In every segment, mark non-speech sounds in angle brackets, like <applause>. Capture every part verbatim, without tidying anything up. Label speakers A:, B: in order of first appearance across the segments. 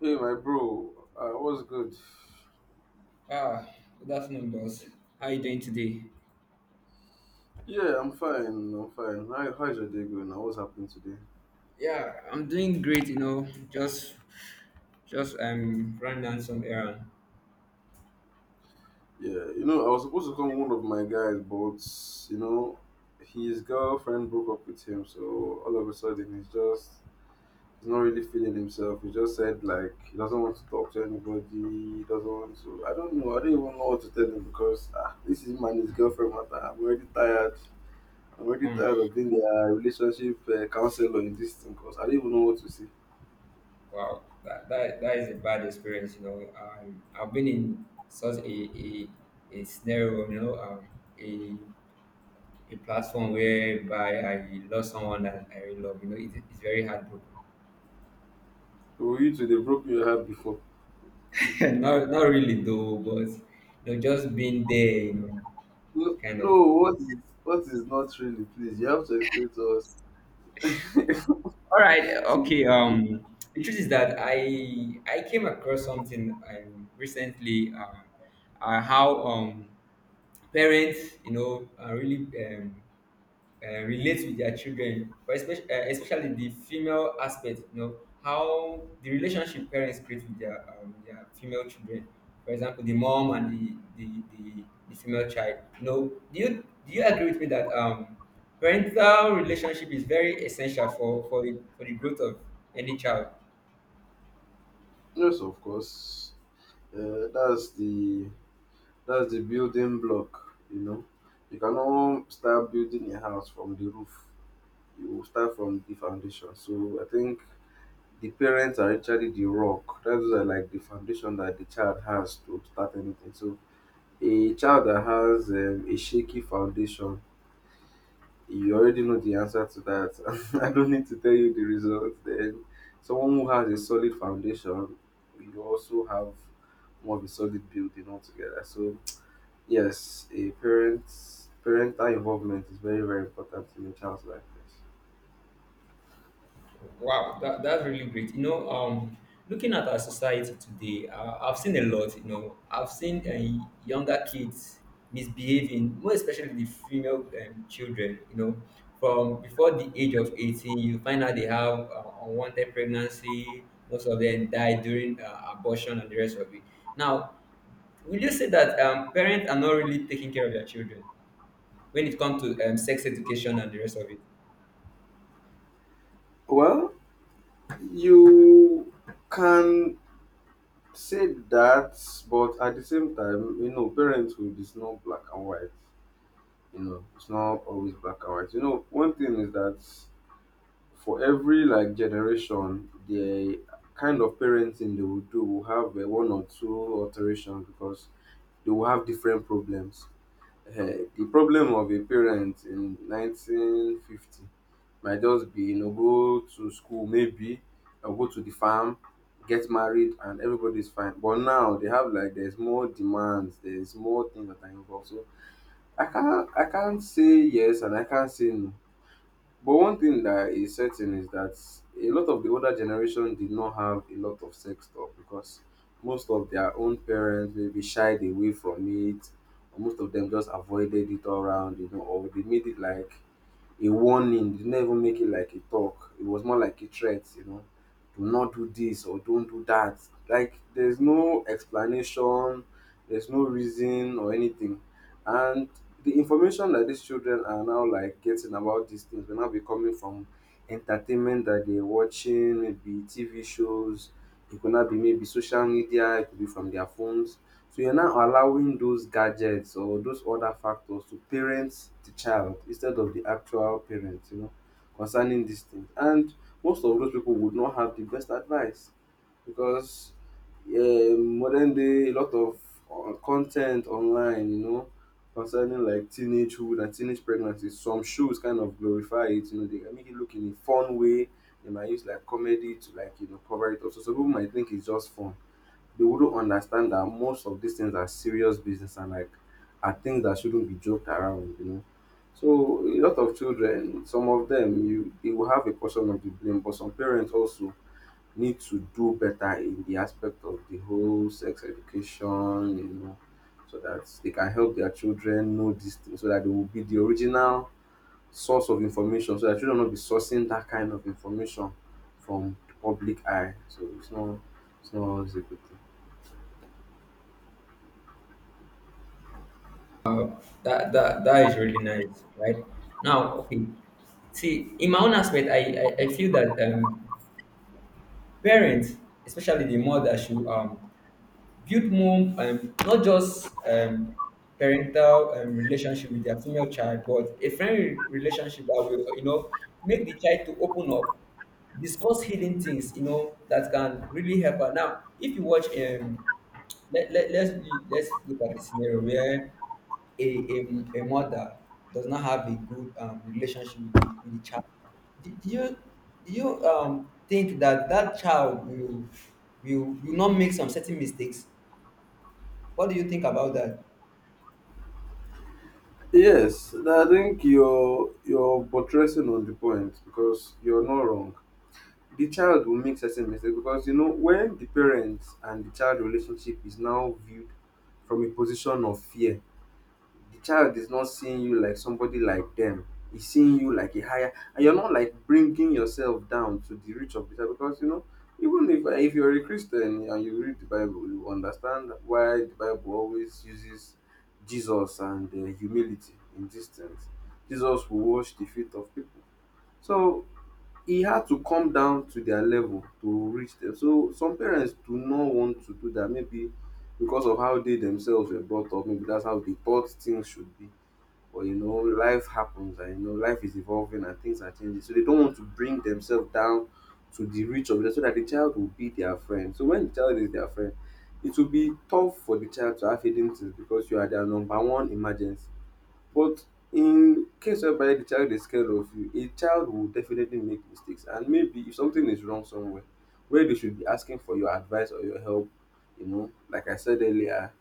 A: Hey, my bro, uh, what's good?
B: Ah, good afternoon, boss. How you doing today?
A: Yeah, I'm fine. I'm fine. How, how's your day going now? What's happening today?
B: Yeah, I'm doing great. You know, just just um running down some errand.
A: Yeah, you know, I was supposed to come one of my guys, but you know, his girlfriend broke up with him, so all of a sudden he's just he's not really feeling himself. He just said like he doesn't want to talk to anybody. He doesn't want to. I don't know. I don't even know what to tell him because ah, this is man his girlfriend matter. I'm already tired. I'm already
B: Hmm.
A: tired of being their relationship uh, counselor in this thing because I don't even know what to say.
B: Wow, that, that that is a bad experience. You know, um, I've been in such a a, a scenario. You know, um, a a platform whereby I lost someone that I really love. You know, it, it's very heartbroken.
A: Were you to develop your heart before?
B: <laughs> not not really though, but you know, just being there. You know,
A: No,
B: kind of
A: no, what is what is not really, please? You have to explain to us.
B: All right.
A: See,
B: Okay. Um, the truth is that I I came across something um, recently. Um, uh, how um parents, you know, uh, really um uh, relate with their children, but especially, uh, especially the female aspect, you know, how the relationship parents create with their, um, their female children. For example, the mom and the, the, the, the female child. You know, do you, do you agree with me that um, parental relationship is very essential for, for, the, for the growth of any child?
A: yes, of course. Uh, that's the that's the building block, you know. You cannot start building a house from the roof. You will start from the foundation. So I think the parents are actually the rock. That's like the foundation that the child has to start anything. So a child that has um, a shaky foundation, you already know the answer to that. <laughs> I don't need to tell you the result. Then, someone who has a solid foundation, you also have more of a solid building altogether. So, yes, a parent's parental involvement is very, very important in a child's life. Yes.
B: Wow, that, that's really great. You know, um, looking at our society today, uh, I've seen a lot. You know, I've seen uh, younger kids misbehaving, more especially the female um, children. You know, from before the age of eighteen, you find out they have uh, unwanted pregnancy. Most of them die during uh, abortion and the rest of it. Now, will you say that um, parents are not really taking care of their children when it comes to um, sex education and the rest of it?
A: Well, you can say that, but at the same time, you know, parenthood is not black and white. You know, it's not always black and white. You know, one thing is that for every like generation, the kind of parenting they will do will have uh, one or two alterations because they will have different problems. Eh, the problem of a parent in nineteen fifty might just be you know go to school maybe or go to the farm, get married, and everybody's fine. But now they have like there's more demands, there's more things that are involved. So I can't I can't say yes and I can't say no. But one thing that is certain is that a lot of the older generation did not have a lot of sex talk because most of their own parents maybe shied away from it, or most of them just avoided it all around, you know, or they made it like a warning. Did not even make it like a talk. It was more like a threat, you know. Do not do this or don't do that. Like there's no explanation, there's no reason or anything. And the information that these children are now like getting about these things will now be coming from entertainment that they're watching, maybe T V shows, it could not be maybe social media, it could be from their phones. So you're now allowing those gadgets or those other factors to parent the child instead of the actual parent, you know, concerning these things. And most of those people would not have the best advice because um, modern day a lot of uh, content online, you know, concerning like teenagehood and teenage pregnancy. Some shows kind of glorify it, you know, they can make it look in a fun way. They might use like comedy to like you know cover it up. So some people might think it's just fun, they wouldn't understand that most of these things are serious business and like are things that shouldn't be joked around, you know. So a lot of children, some of them, you they will have a portion of the blame, but some parents also need to do better in the aspect of the whole sex education, you know, so that they can help their children know these things, so that they will be the original source of information, so that children will not be sourcing that kind of information from the public eye. So it's not it's not always a good thing.
B: That that that is really nice, right? Now, okay. See, in my own aspect, I I, I feel that um, parents, especially the mother, should um, build more um, not just um, parental um, relationship with their female child, but a friendly relationship that will, you know, make the child to open up, discuss hidden things, you know, that can really help her. Now, if you watch um, let, let, let's let's look at the scenario where a, a, a mother does not have a good um, relationship with the, with the child, do, do you do you um, think that that child will, will will not make some certain mistakes? What do you think about that?
A: Yes, I think you're you're buttressing on the point because you're not wrong. The child will make certain mistakes because you know when the parent and the child relationship is now viewed from a position of fear, the child is not seeing you like somebody like them, he's seeing you like a higher and you're not like bringing yourself down to the reach of the child because you know, even if if you're a Christian and you read the Bible you understand why the Bible always uses Jesus and uh, humility in these things. Jesus will wash the feet of people, so he had to come down to their level to reach them. So some parents do not want to do that maybe because of how they themselves were brought up, maybe that's how they thought things should be. But you know, life happens and you know, life is evolving and things are changing. So they don't want to bring themselves down to the reach of it so that the child will be their friend. So when the child is their friend, it will be tough for the child to have hidden things because you are their number one emergency. But in case whereby the child is scared of you, a child will definitely make mistakes. And maybe if something is wrong somewhere, where they should be asking for your advice or your help, you know, like I said earlier,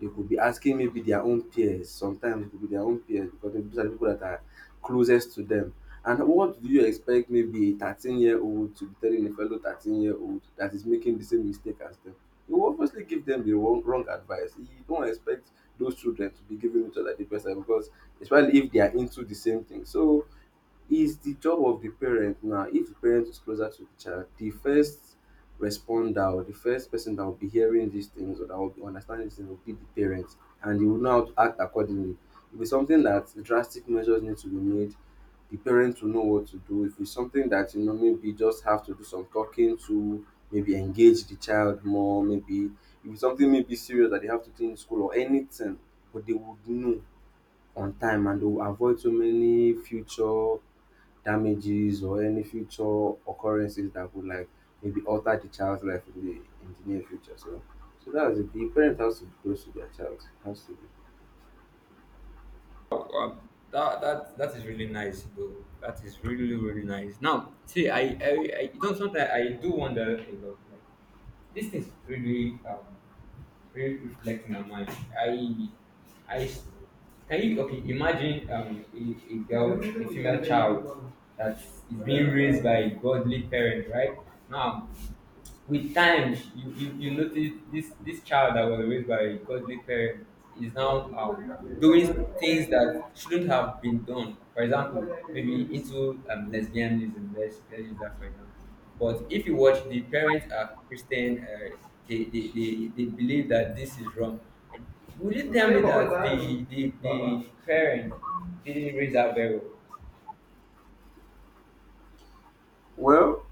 A: they could be asking maybe their own peers. Sometimes it could be their own peers because these are the people that are closest to them. And what do you expect maybe a thirteen year old to be telling a fellow thirteen year old that is making the same mistake as them? You will obviously give them the wrong, wrong advice. You don't expect those children to be giving each other the best advice because especially if they are into the same thing. So is the job of the parent now. If the parent is closer to the child, the first responder or the first person that will be hearing these things or that will be understanding these things will be the parent, and they will now act accordingly. If it's something that drastic measures need to be made, the parent will know what to do. If it's something that you know maybe just have to do some talking to, maybe engage the child more, maybe if it's something maybe serious that they have to do in school or anything, but they would know on time and they will avoid so many future damages or any future occurrences that would like maybe alter the child's life in the in the near future. So so that's it. The parent has to be close to their child. Has to be.
B: That that that is really nice though. That is really really nice. Now, see, I I, I don't sometimes I do wonder a lot. Like these things really um really reflect in my mind. I I Can you, okay, imagine um a, a girl, a female child that is being raised by a godly parent, right? Now with time you, you, you notice this this child that was raised by a godly parent is now um, doing things that shouldn't have been done, for example maybe into um, lesbianism. Let's, let's use that for example, but if you watch the parents are Christian. Uh, they, they, they, they believe that this is wrong, and will you tell me that the, the, the parent didn't raise that very well?
A: Well,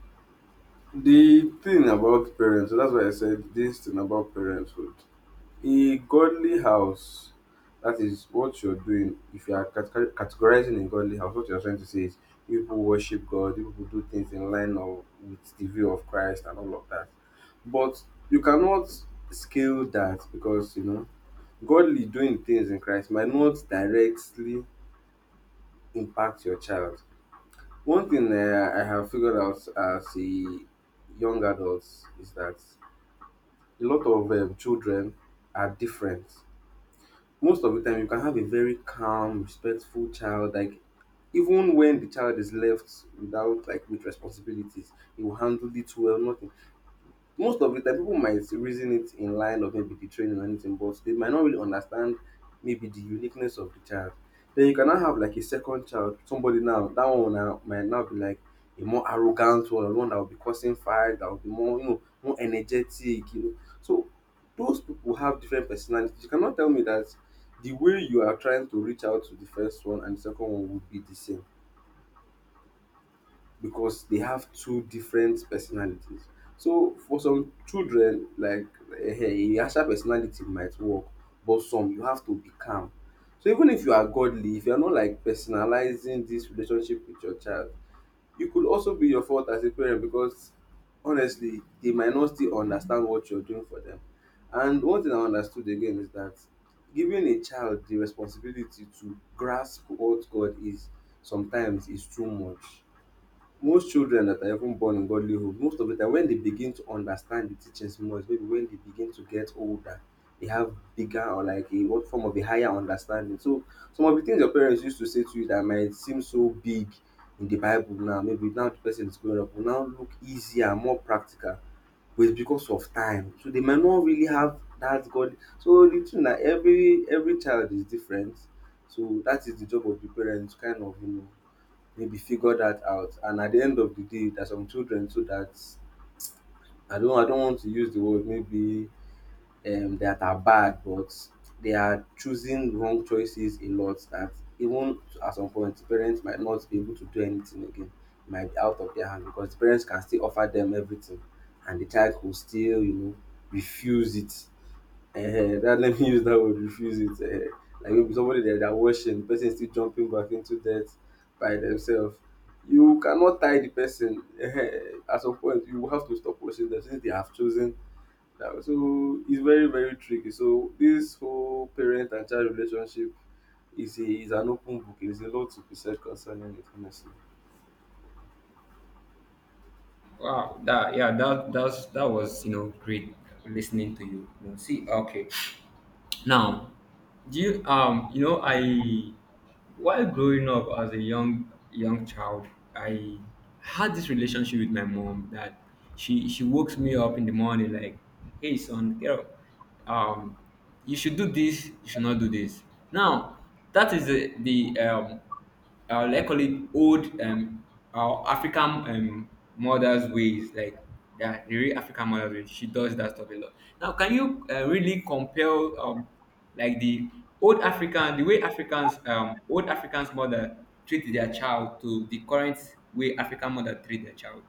A: the thing about parents, so that's why I said this thing about parenthood. A godly house, that is what you're doing. If you are cate- categorizing a godly house, what you're trying to say is people worship God, people who do things in line of, with the view of Christ and all of that. But you cannot scale that because, you know, godly doing things in Christ might not directly impact your child. One thing uh, I have figured out as a young adult is that a lot of um, children are different. Most of the time you can have a very calm, respectful child, like even when the child is left without like with responsibilities he will handle it well. Not most of the time people might reason it in line of maybe the training or anything but they might not really understand maybe the uniqueness of the child. Then you cannot have like a second child. Somebody now, that one now might now be like a more arrogant one or one that will be causing fight, that will be more you know more energetic, you know. So those people have different personalities. You cannot tell me that the way you are trying to reach out to the first one and the second one would be the same, because they have two different personalities. So for some children like um a harsher personality might work, but some you have to be calm. So even if you are godly, if you are not like personalizing this relationship with your child, it could also be your fault as a parent because honestly they might not still understand what you're doing for them. And one thing I understood again is that giving a child the responsibility to grasp what God is sometimes is too much. Most children that are even born in godly home, most of the time when they begin to understand the teachings more is maybe when they begin to get older, they have bigger or like a what form of a higher understanding. So some of the things your parents used to say to you that might seem so big in the Bible now, maybe now the person is growing up, will now look easier, more practical, but it's because of time. So they might not really have that God. So the thing that every every child is different. So that is the job of the parents, kind of you know maybe figure that out, and at the end of the day there are some children too that I don't I don't want to use the word maybe um that are bad, but they are choosing wrong choices a lot, that even at some point parents might not be able to do anything again. It might be out of their hand because parents can still offer them everything and the child will still you know refuse it. Eh, that, let me use that word, refuse it. Eh, like maybe somebody that they're washing, the person is still jumping back into debt by themselves. You cannot tie the person. Eh, at some point, you will have to stop washing them since they have chosen. That. So it's very, very tricky. So this whole parent and child relationship is a, is an open book. There's a lot to be said concerning it, honestly.
B: Wow, that yeah, that that's, that was, you know, great listening to you. You know, see, okay, now, do you um you know I While growing up as a young young child, I had this relationship with my mom that she she wakes me up in the morning like, hey son, get up. Um, you should do this. You should not do this. Now that is the the um uh, let's call it old um our African um mothers ways, like yeah, the real African mother ways. She does that stuff a lot. Now, can you uh, really compare um like the old African, the way Africans, um old Africans mother treat their child to the current way African mother treat their child?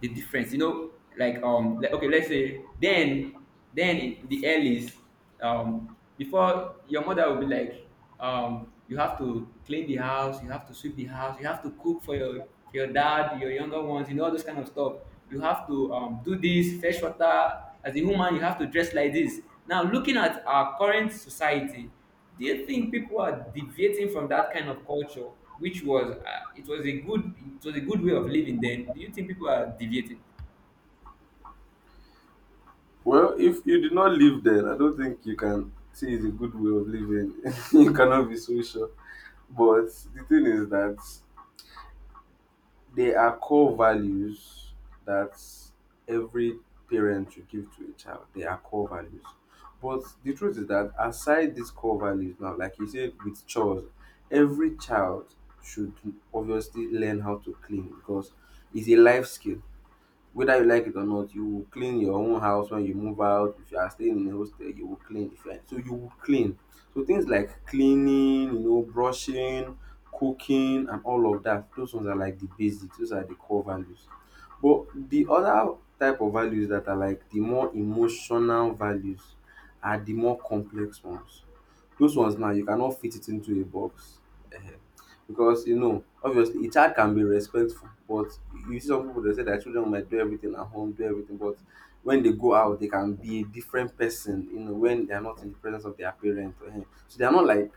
B: The difference, you know, like um like, okay let's say then then in the earlys, um before, your mother will be like, um you have to clean the house, you have to sweep the house, you have to cook for your, for your dad, your younger ones, you know, all those kind of stuff. You have to um, do this fresh water. As a woman you have to dress like this. Now looking at our current society, do you think people are deviating from that kind of culture, which was, uh, it was a good, it was a good way of living then? Do you think people are deviating?
A: Well, if you did not live then, I don't think you can say it's a good way of living. <laughs> You cannot be so sure. But the thing is that they are core values that every parent should give to a child. They are core values. But the truth is that aside these core values now, like you said with chores, every child should obviously learn how to clean because it's a life skill. Whether you like it or not, you will clean your own house when you move out. If you are staying in a hostel, you will clean. If you are, so you will clean. So things like cleaning, you know, brushing, cooking and all of that, those ones are like the basics, those are the core values. But the other type of values, that are like the more emotional values, are the more complex ones. Those ones now, you cannot fit it into a box, because, you know, obviously a child can be respectful, but you see some people, they say their children might do everything at home, do everything, but when they go out, they can be a different person, you know, when they are not in the presence of their parent or him. So they are not like,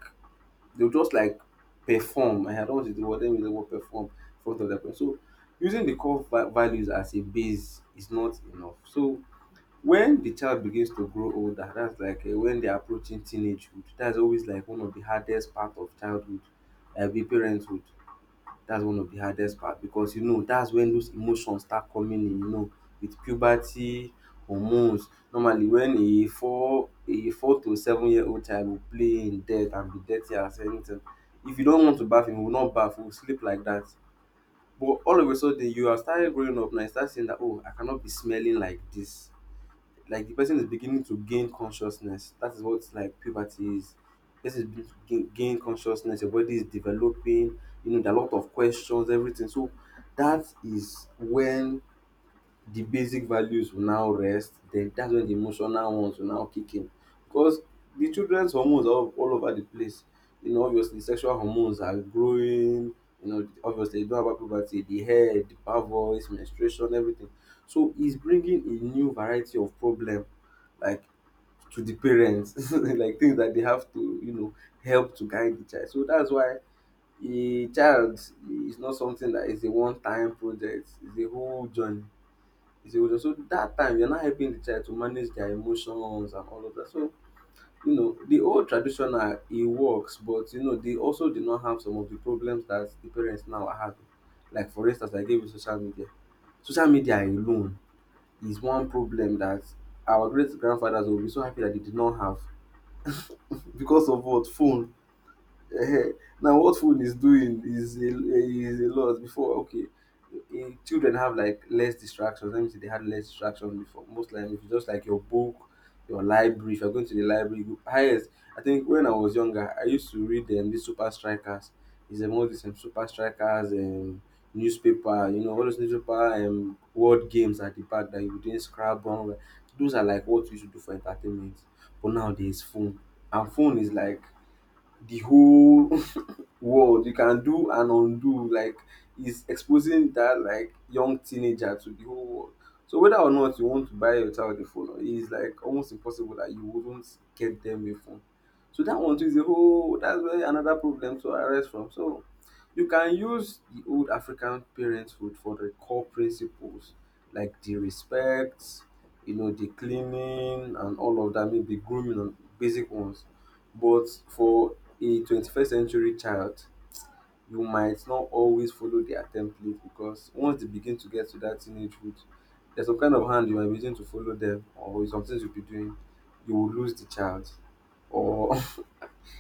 A: they'll just like perform. Eh, I don't want to do what they mean the word perform in front of their parents. So using the core va- values as a base is not enough. So when the child begins to grow older, that's like uh, when they're approaching teenagehood, that's always like one of the hardest part of childhood, uh, be parenthood. That's one of the hardest part because, you know, that's when those emotions start coming in, you know, with puberty hormones. Normally, when a four a four to seven year old child will play in dirt and be dirty as anything. If you don't want to baff, he will not baff, he will sleep like that. But all of a sudden you are started growing up now, you start seeing that, oh, I cannot be smelling like this. Like the person is beginning to gain consciousness. That is what like puberty is. This is beginning to gain, gain consciousness. Your body is developing. You know, there are a lot of questions, everything. So that is when the basic values will now rest, then that's when the emotional ones will now kick in, because the children's hormones are all, all over the place. You know, obviously sexual hormones are growing, you know, obviously you don't have puberty, the head, the voice, menstruation, everything. So it's bringing a new variety of problem, like, to the parents, <laughs> like things that they have to, you know, help to guide the child. So that's why a child is not something that is a one time project, it's a whole journey. Is a witness. So that time you're not helping the child to manage their emotions and all of that. So, you know, the old traditional it works, but, you know, they also did not have some of the problems that the parents now are having. Like for instance, I gave you social media. Social media alone is one problem that our great grandfathers will be so happy that they did not have, because of what? Phone. <laughs> Ehen. Now, what phone is doing is a, is a lot. Before, okay, in, children have like less distractions. Let me say they had less distractions before. Most likely, if it's just like your book, your library. If you're going to the library, you go- highest. I think when I was younger, I used to read them. These super strikers is a, all these um, super strikers and newspaper. You know, all those newspaper and word games at the back that you were doing, Scrabble. Those are like what we should do for entertainment. But now there's phone, and phone is like the whole <laughs> world. You can do and undo. Like, is exposing that like young teenager to the whole world. So whether or not you want to buy your child a phone, it is like almost impossible that you wouldn't get them a phone. So that one too is a whole, that's where another problem to arise from. So you can use the old African parenthood for the core principles, like the respect, you know, the cleaning and all of that, maybe grooming and basic ones. But for a twenty-first century child, you might not always follow their template, because once they begin to get to that teenagehood, there's some kind of hand you might begin to follow them, or some things you'll be doing, you will lose the child, or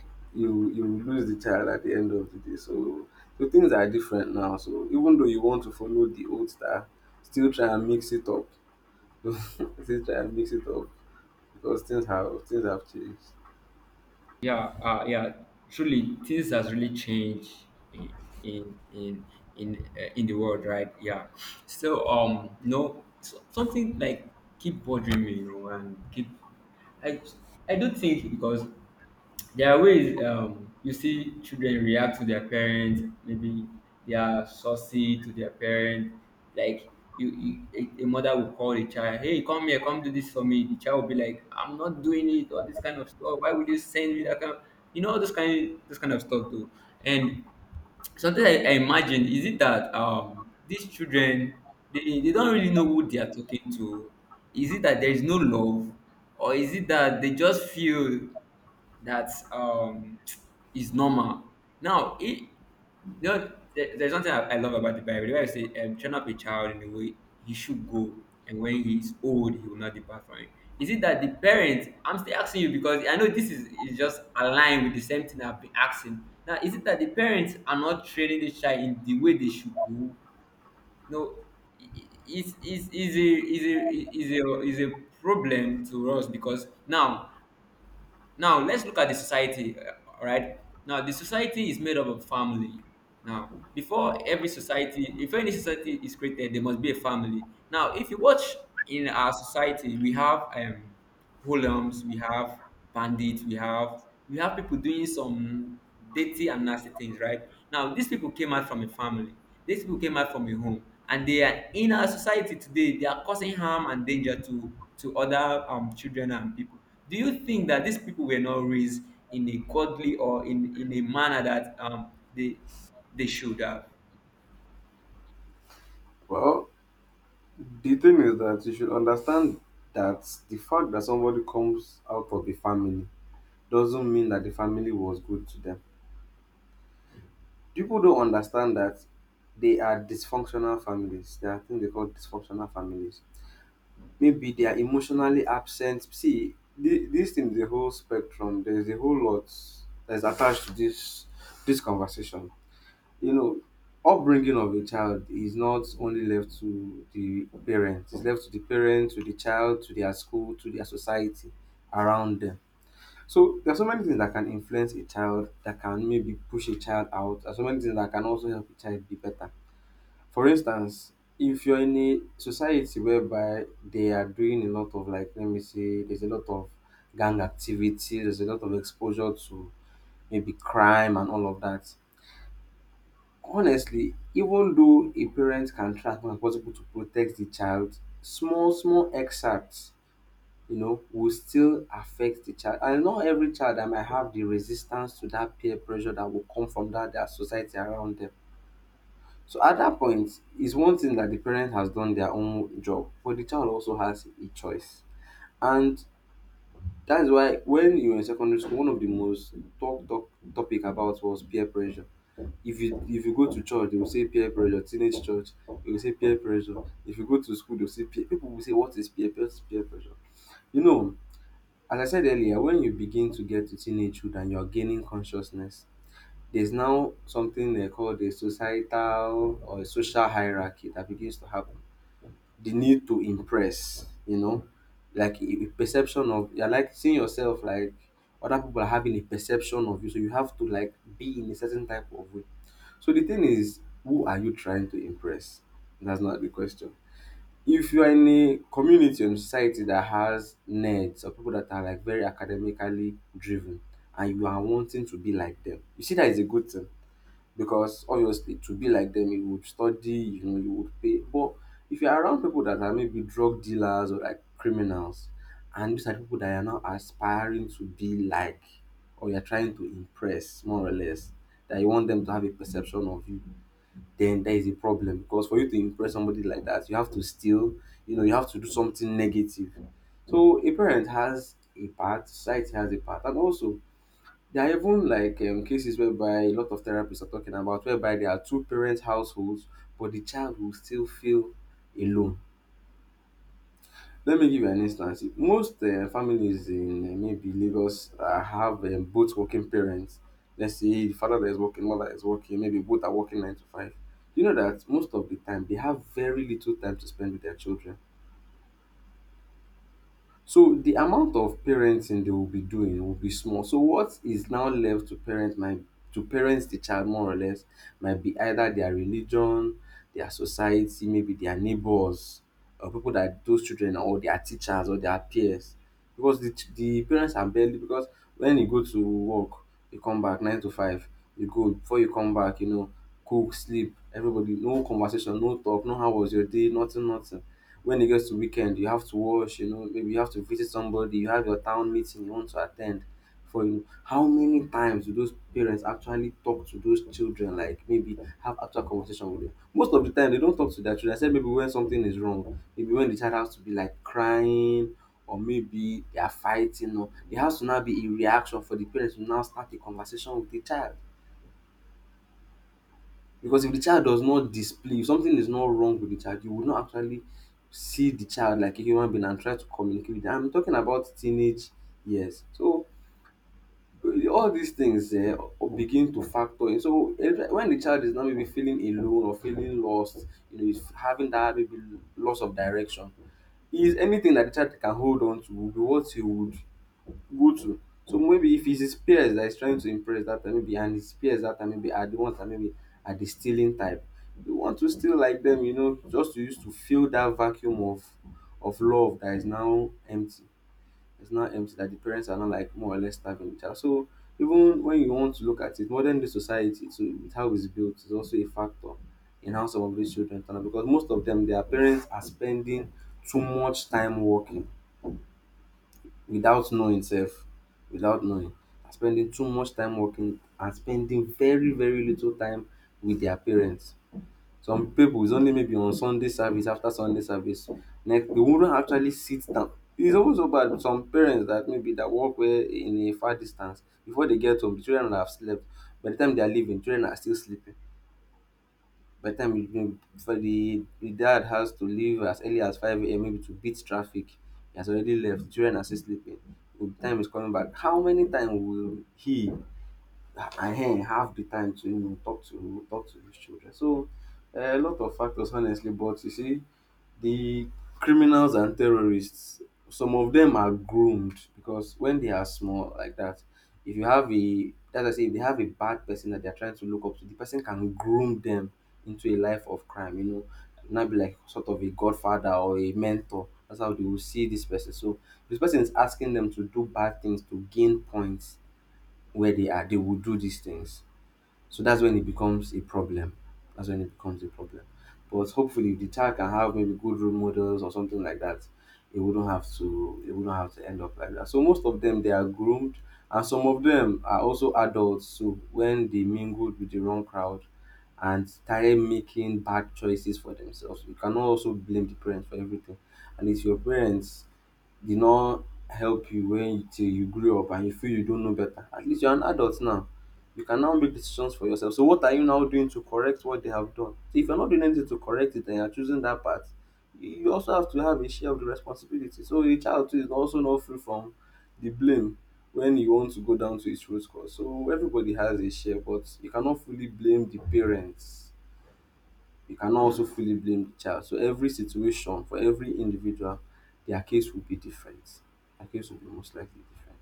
A: <laughs> you you will lose the child at the end of the day. So, so things are different now. So even though you want to follow the old style, still try and mix it up. <laughs> Still try and mix it up, because things have things have changed.
B: yeah uh, Yeah, truly things has really changed in in in in, uh, in the world, right? Yeah. So um no so, something like keep bothering me, you know, and keep, I I do not think, because there are ways, um, you see children react to their parents, maybe they are saucy to their parents. Like you, you, a, a mother will call a child, hey, come here, come do this for me. The child will be like, I'm not doing it, or this kind of stuff. Why would you send me that kind of, you know, all this kind this kind of stuff too. And something I, I imagine, is it that um these children, they, they don't really know who they are talking to. Is it that there is no love? Or is it that they just feel that um is normal. Now, it, you know, there, there's something I, I love about the Bible, where I say, um, train up a child in the way he should go, and when he is old, he will not depart from it. Is it that the parents? I'm still asking you because I know this is, is just aligned with the same thing I've been asking. Now, is it that the parents are not training the child in the way they should go? No, is is is a is a is a is a problem to us because now, now let's look at the society. uh, All right. Now the society is made up of family. Now before every society, if any society is created, there must be a family. Now if you watch in our society, we have um, hoodlums, we have bandits, we have we have people doing some dirty and nasty things, right? Now, these people came out from a family. These people came out from a home, and they are in our society today. They are causing harm and danger to to other um, children and people. Do you think that these people were not raised in a godly, or in in a manner that um, they they should have?
A: Well, the thing is that you should understand that the fact that somebody comes out of a family doesn't mean that the family was good to them. People don't understand that they are dysfunctional families. There are things they call dysfunctional families. Maybe they are emotionally absent. See, thi- this thing the whole spectrum. There is a whole lot that is attached to this this conversation. You know, upbringing of a child is not only left to the parents, it's left to the parents, to the child, to their school, to their society around them. So there are so many things that can influence a child, that can maybe push a child out. There are so many things that can also help a child be better. For instance, if you're in a society whereby they are doing a lot of, like, let me say there's a lot of gang activity, there's a lot of exposure to maybe crime and all of that. Honestly, even though a parent can try as much as possible to protect the child, small, small excerpts, you know, will still affect the child. And not every child that might have the resistance to that peer pressure that will come from that their society around them. So at that point, it's one thing that the parent has done their own job, but the child also has a choice. And that is why, when you were in secondary school, one of the most talked top topic about was peer pressure. If you if you go to church, they will say peer pressure, teenage church, they will say peer pressure. If you go to school, they'll say peer, people will say, what is peer peer peer pressure? You know, as I said earlier, when you begin to get to teenagehood and you're gaining consciousness, there's now something they call the societal or social hierarchy that begins to happen. The need to impress, you know, like a a perception of, you're like seeing yourself like other people are having a perception of you, so you have to like be in a certain type of way. So the thing is, who are you trying to impress? That's not the question. If you are in a community or society that has nerds or people that are like very academically driven, and you are wanting to be like them, you see that is a good thing, because obviously to be like them you would study, you know, you would pay. But if you are around people that are maybe drug dealers or like criminals, and these are people that are now aspiring to be like, or you're trying to impress more or less, that you want them to have a perception of you, then there is a problem. Because for you to impress somebody like that you have to steal, you know, you have to do something negative. So a parent has a part, society has a part, and also there are even like um, cases whereby a lot of therapists are talking about, whereby there are two parent households but the child will still feel alone. Let me give you an instance. Most um families in um maybe Lagos um have um both working parents. Let's say the father that is working, mother is working, maybe both are working nine to five. You know that most of the time they have very little time to spend with their children. So the amount of parenting they will be doing will be small. So what is now left to parent my to parent the child more or less might be either their religion, their society, maybe their neighbors, or people that those children, or their teachers or their peers. Because the ch- the parents are barely, because when you go to work, you come back nine to five, you go before you come back, you know, cook, sleep, everybody, no conversation, no talk, no how was your day, nothing, nothing. When it gets to weekend, you have to wash, you know, maybe you have to visit somebody, you have your town meeting you want to attend. For you know, how many times do those parents actually talk to those children? Like maybe have actual conversation with them. Most of the time they don't talk to their children, except maybe when something is wrong, maybe when the child has to be like crying, or maybe they are fighting, or there has to now be a reaction for the parents to now start a conversation with the child. Because if the child does not display, if something is not wrong with the child, you will not actually see the child like a human being and try to communicate with them. I'm talking about teenage years. So eh, all these things eh, begin to factor in. So eh, when the child is now maybe feeling alone or feeling lost, you know, is having that maybe loss of direction, is anything that the child can hold on to will be what he would go to. So maybe if it's his peers that he's trying to impress that time, maybe, and his peers that time maybe are the ones that maybe are the stealing type. You want to steal like them, you know, just to use to fill that vacuum of of love that is now empty. It's now empty that the parents are not, like, more or less starving the child. So even when you want to look at it, modern day society to with how it's built is also a factor in how some of these children turn out, because most of them, their parents are spending too much time working without knowing self, without knowing, are spending too much time working and spending very, very little time with their parents. Some people, is only maybe on Sunday service. After Sunday service, next, they wouldn't actually sit down. It's also bad, some parents that maybe that work where in a far distance, before they get home the children have slept. By the time they are leaving, children are still sleeping. By the time, you know, before the the dad has to leave as early as five a m maybe to beat traffic, he has already left, the children are still sleeping. By the time he's coming back, how many times will he um have the time to, you know, talk to talk to his children? So um a lot of factors, honestly. But you see, the criminals and terrorists, some of them are groomed, because when they are small like that, if you have a, as I say, if they have a bad person that they're trying to look up to, the person can groom them into a life of crime, you know, not be like sort of a godfather or a mentor. That's how they will see this person. So this person is asking them to do bad things to gain points where they are, they will do these things. So that's when it becomes a problem. That's when it becomes a problem. But hopefully, if the child can have maybe good role models or something like that, it wouldn't have to, it wouldn't have to end up like that. So most of them they are groomed, and some of them are also adults. So when they mingled with the wrong crowd and started making bad choices for themselves, you cannot also blame the parents for everything. And it's your parents did not help you when you, till you grew up and you feel you don't know better. At least you're an adult now. You can now make decisions for yourself. So what are you now doing to correct what they have done? So if you're not doing anything to correct it and you're choosing that path, you you also have to have a share of the responsibility. So a child too is also not free from the blame when you want to go down to its root cause. So everybody has a share, but you cannot fully blame the parents, you cannot also fully blame the child. So every situation for every individual, their case will be different. Their case will be most likely different.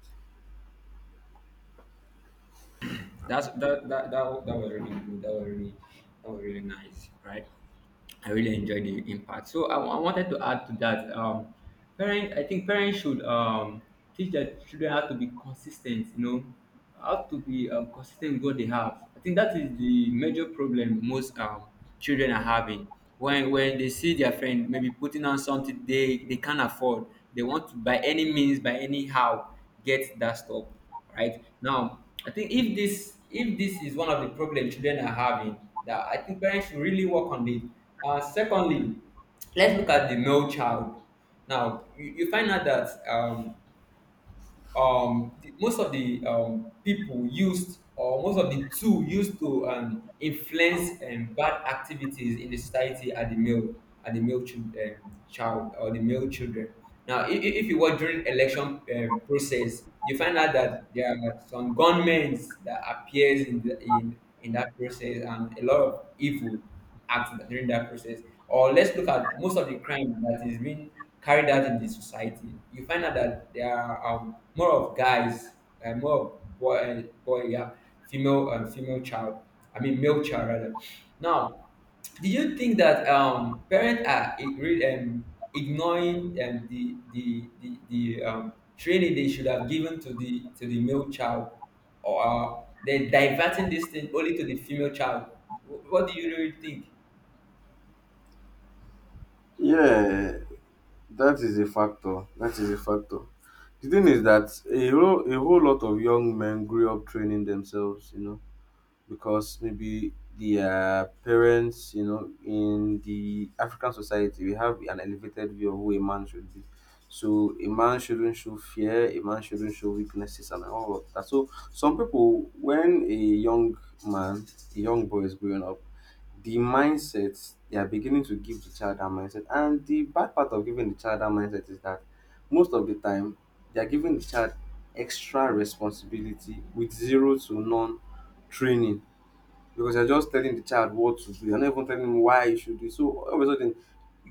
B: That's that that that, that was really good. That was really that was really nice, right? I really enjoyed the impact. So I, I wanted to add to that. Um, parent, I think parents should um, teach their children how to be consistent. You know, how to be um, consistent with what they have. I think that is the major problem most um, children are having. When when they see their friend maybe putting on something they they can't afford, they want to by any means, by anyhow, get that stuff right now. I think if this if this is one of the problems children are having, that I think parents should really work on it. Uh, secondly, let's look at the male child. Now you, you find out that um, um, the, most of the um, people used, or most of the tool used to um, influence um, bad activities in the society are the male, are the male chil- um, child, or the male children. Now, if, if you were during election um, process, you find out that there are some gunmen that appears in the, in in that process, and a lot of evil act that, during that process. Or let's look at most of the crime that is being carried out in the society. You find out that there are um, more of guys, uh, more of boy, uh, boy, yeah, female, um, female child. I mean, male child rather. Now, do you think that um, parents are ig- re- um, ignoring um, the the the, the um, training they should have given to the to the male child, or they're diverting this thing only to the female child? Wh- What do you really think?
A: Yeah, that is a factor. That is a factor. The thing is that a whole, a whole lot of young men grew up training themselves, you know, because maybe their parents, you know, in the African society, we have an elevated view of who a man should be. So a man shouldn't show fear, a man shouldn't show weaknesses, and all of that. So some people, when a young man, a young boy is growing up, the mindset they are beginning to give the child that mindset, and the bad part of giving the child that mindset is that most of the time they are giving the child extra responsibility with zero to none training, because you're just telling the child what to do. You're not even telling him why he should do it. So all of a sudden,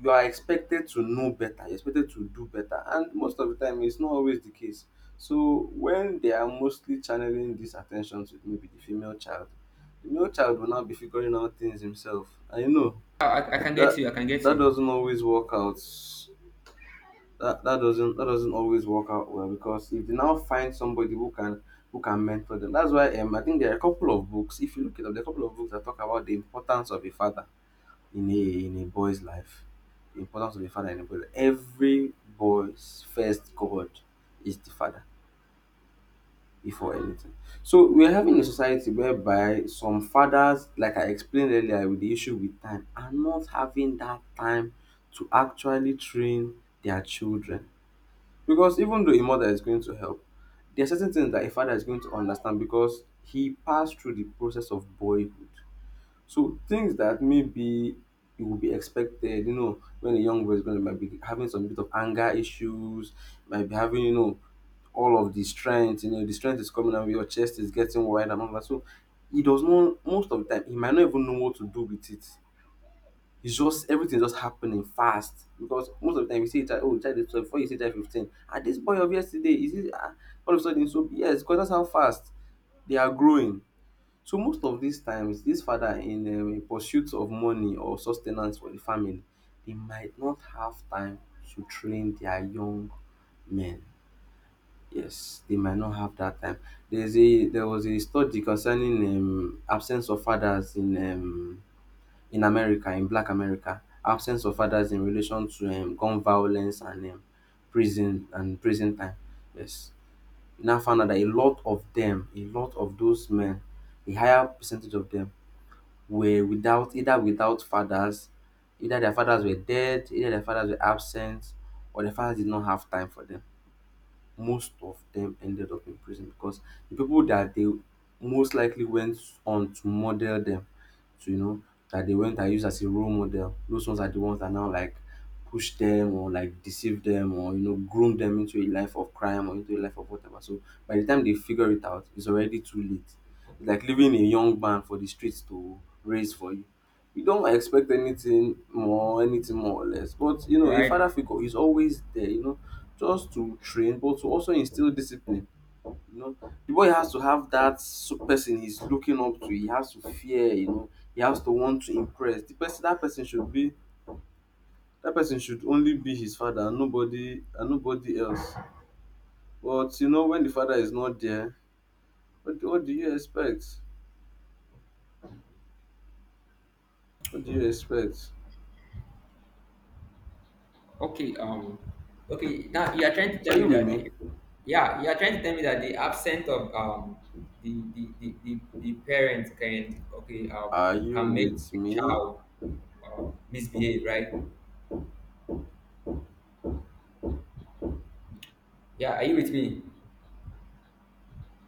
A: you are expected to know better. You're expected to do better, and most of the time, it's not always the case. So when they are mostly channeling this attention to maybe the female child, the male child will now be figuring out things himself, and you know
B: I, I can get
A: that
B: you. I can get
A: that
B: you.
A: doesn't always work out, that, that doesn't that doesn't always work out well. Because if they now find somebody who can, who can mentor them, that's why um, I think there are a couple of books, if you look it up, there are a couple of books that talk about the importance of a father in a in a boy's life, the importance of a father in a boy's life. Every boy's first god is the father, before anything. So we're having a society whereby some fathers, like I explained earlier with the issue with time, are not having that time to actually train their children. Because even though a mother is going to help, there are certain things that a father is going to understand because he passed through the process of boyhood. So things that maybe it would be expected, you know, when a young boy is going to, might be having some bit of anger issues, might be having, you know, all of the strength, you know, the strength is coming out, your chest is getting wide and all that. So he does not, most of the time he might not even know what to do with it. It's just everything just happening fast, because most of the time you see a child, oh, child is twelve, before you see child fifteen, ah, this boy of yesterday, is it, ah, all of a sudden. So yes, because that's how fast they are growing. So most of these times, this father in um, in pursuit of money or sustenance for the family, they might not have time to train their young men. Yes, they might not have that time. There's a there was a study concerning um, absence of fathers in um, in America, in Black America, absence of fathers in relation to um, gun violence and um, prison and prison time. Yes, now found out that a lot of them, a lot of those men, a higher percentage of them were without, either without fathers, either their fathers were dead, either their fathers were absent, or their fathers did not have time for them. Most of them ended up in prison because the people that they most likely went on to model them to, you know, that they went and used as a role model, those ones are the ones that now like push them or like deceive them or, you know, groom them into a life of crime or into a life of whatever. So by the time they figure it out, it's already too late. It's like leaving a young man for the streets to raise for you. You don't expect anything more, anything more or less. But you
B: All
A: know, a father
B: right.
A: figure is always there, you know, just to train but to also instill discipline, you know. The boy has to have that, so person he's looking up to, he has to fear, you know, he has to want to impress the person. That person should be, that person should only be his father and nobody, and nobody else. But you know, when the father is not there, what do, what do you expect? What do you expect?
B: Okay. Um. Okay. Now you are trying to
A: So are
B: tell
A: you
B: me
A: with
B: that
A: me?
B: the yeah, you are trying to tell me that the absence of um the the the, the, the parents can, okay um
A: Are you
B: can make
A: with
B: a
A: me?
B: child uh, misbehave, right? Yeah, are you with me?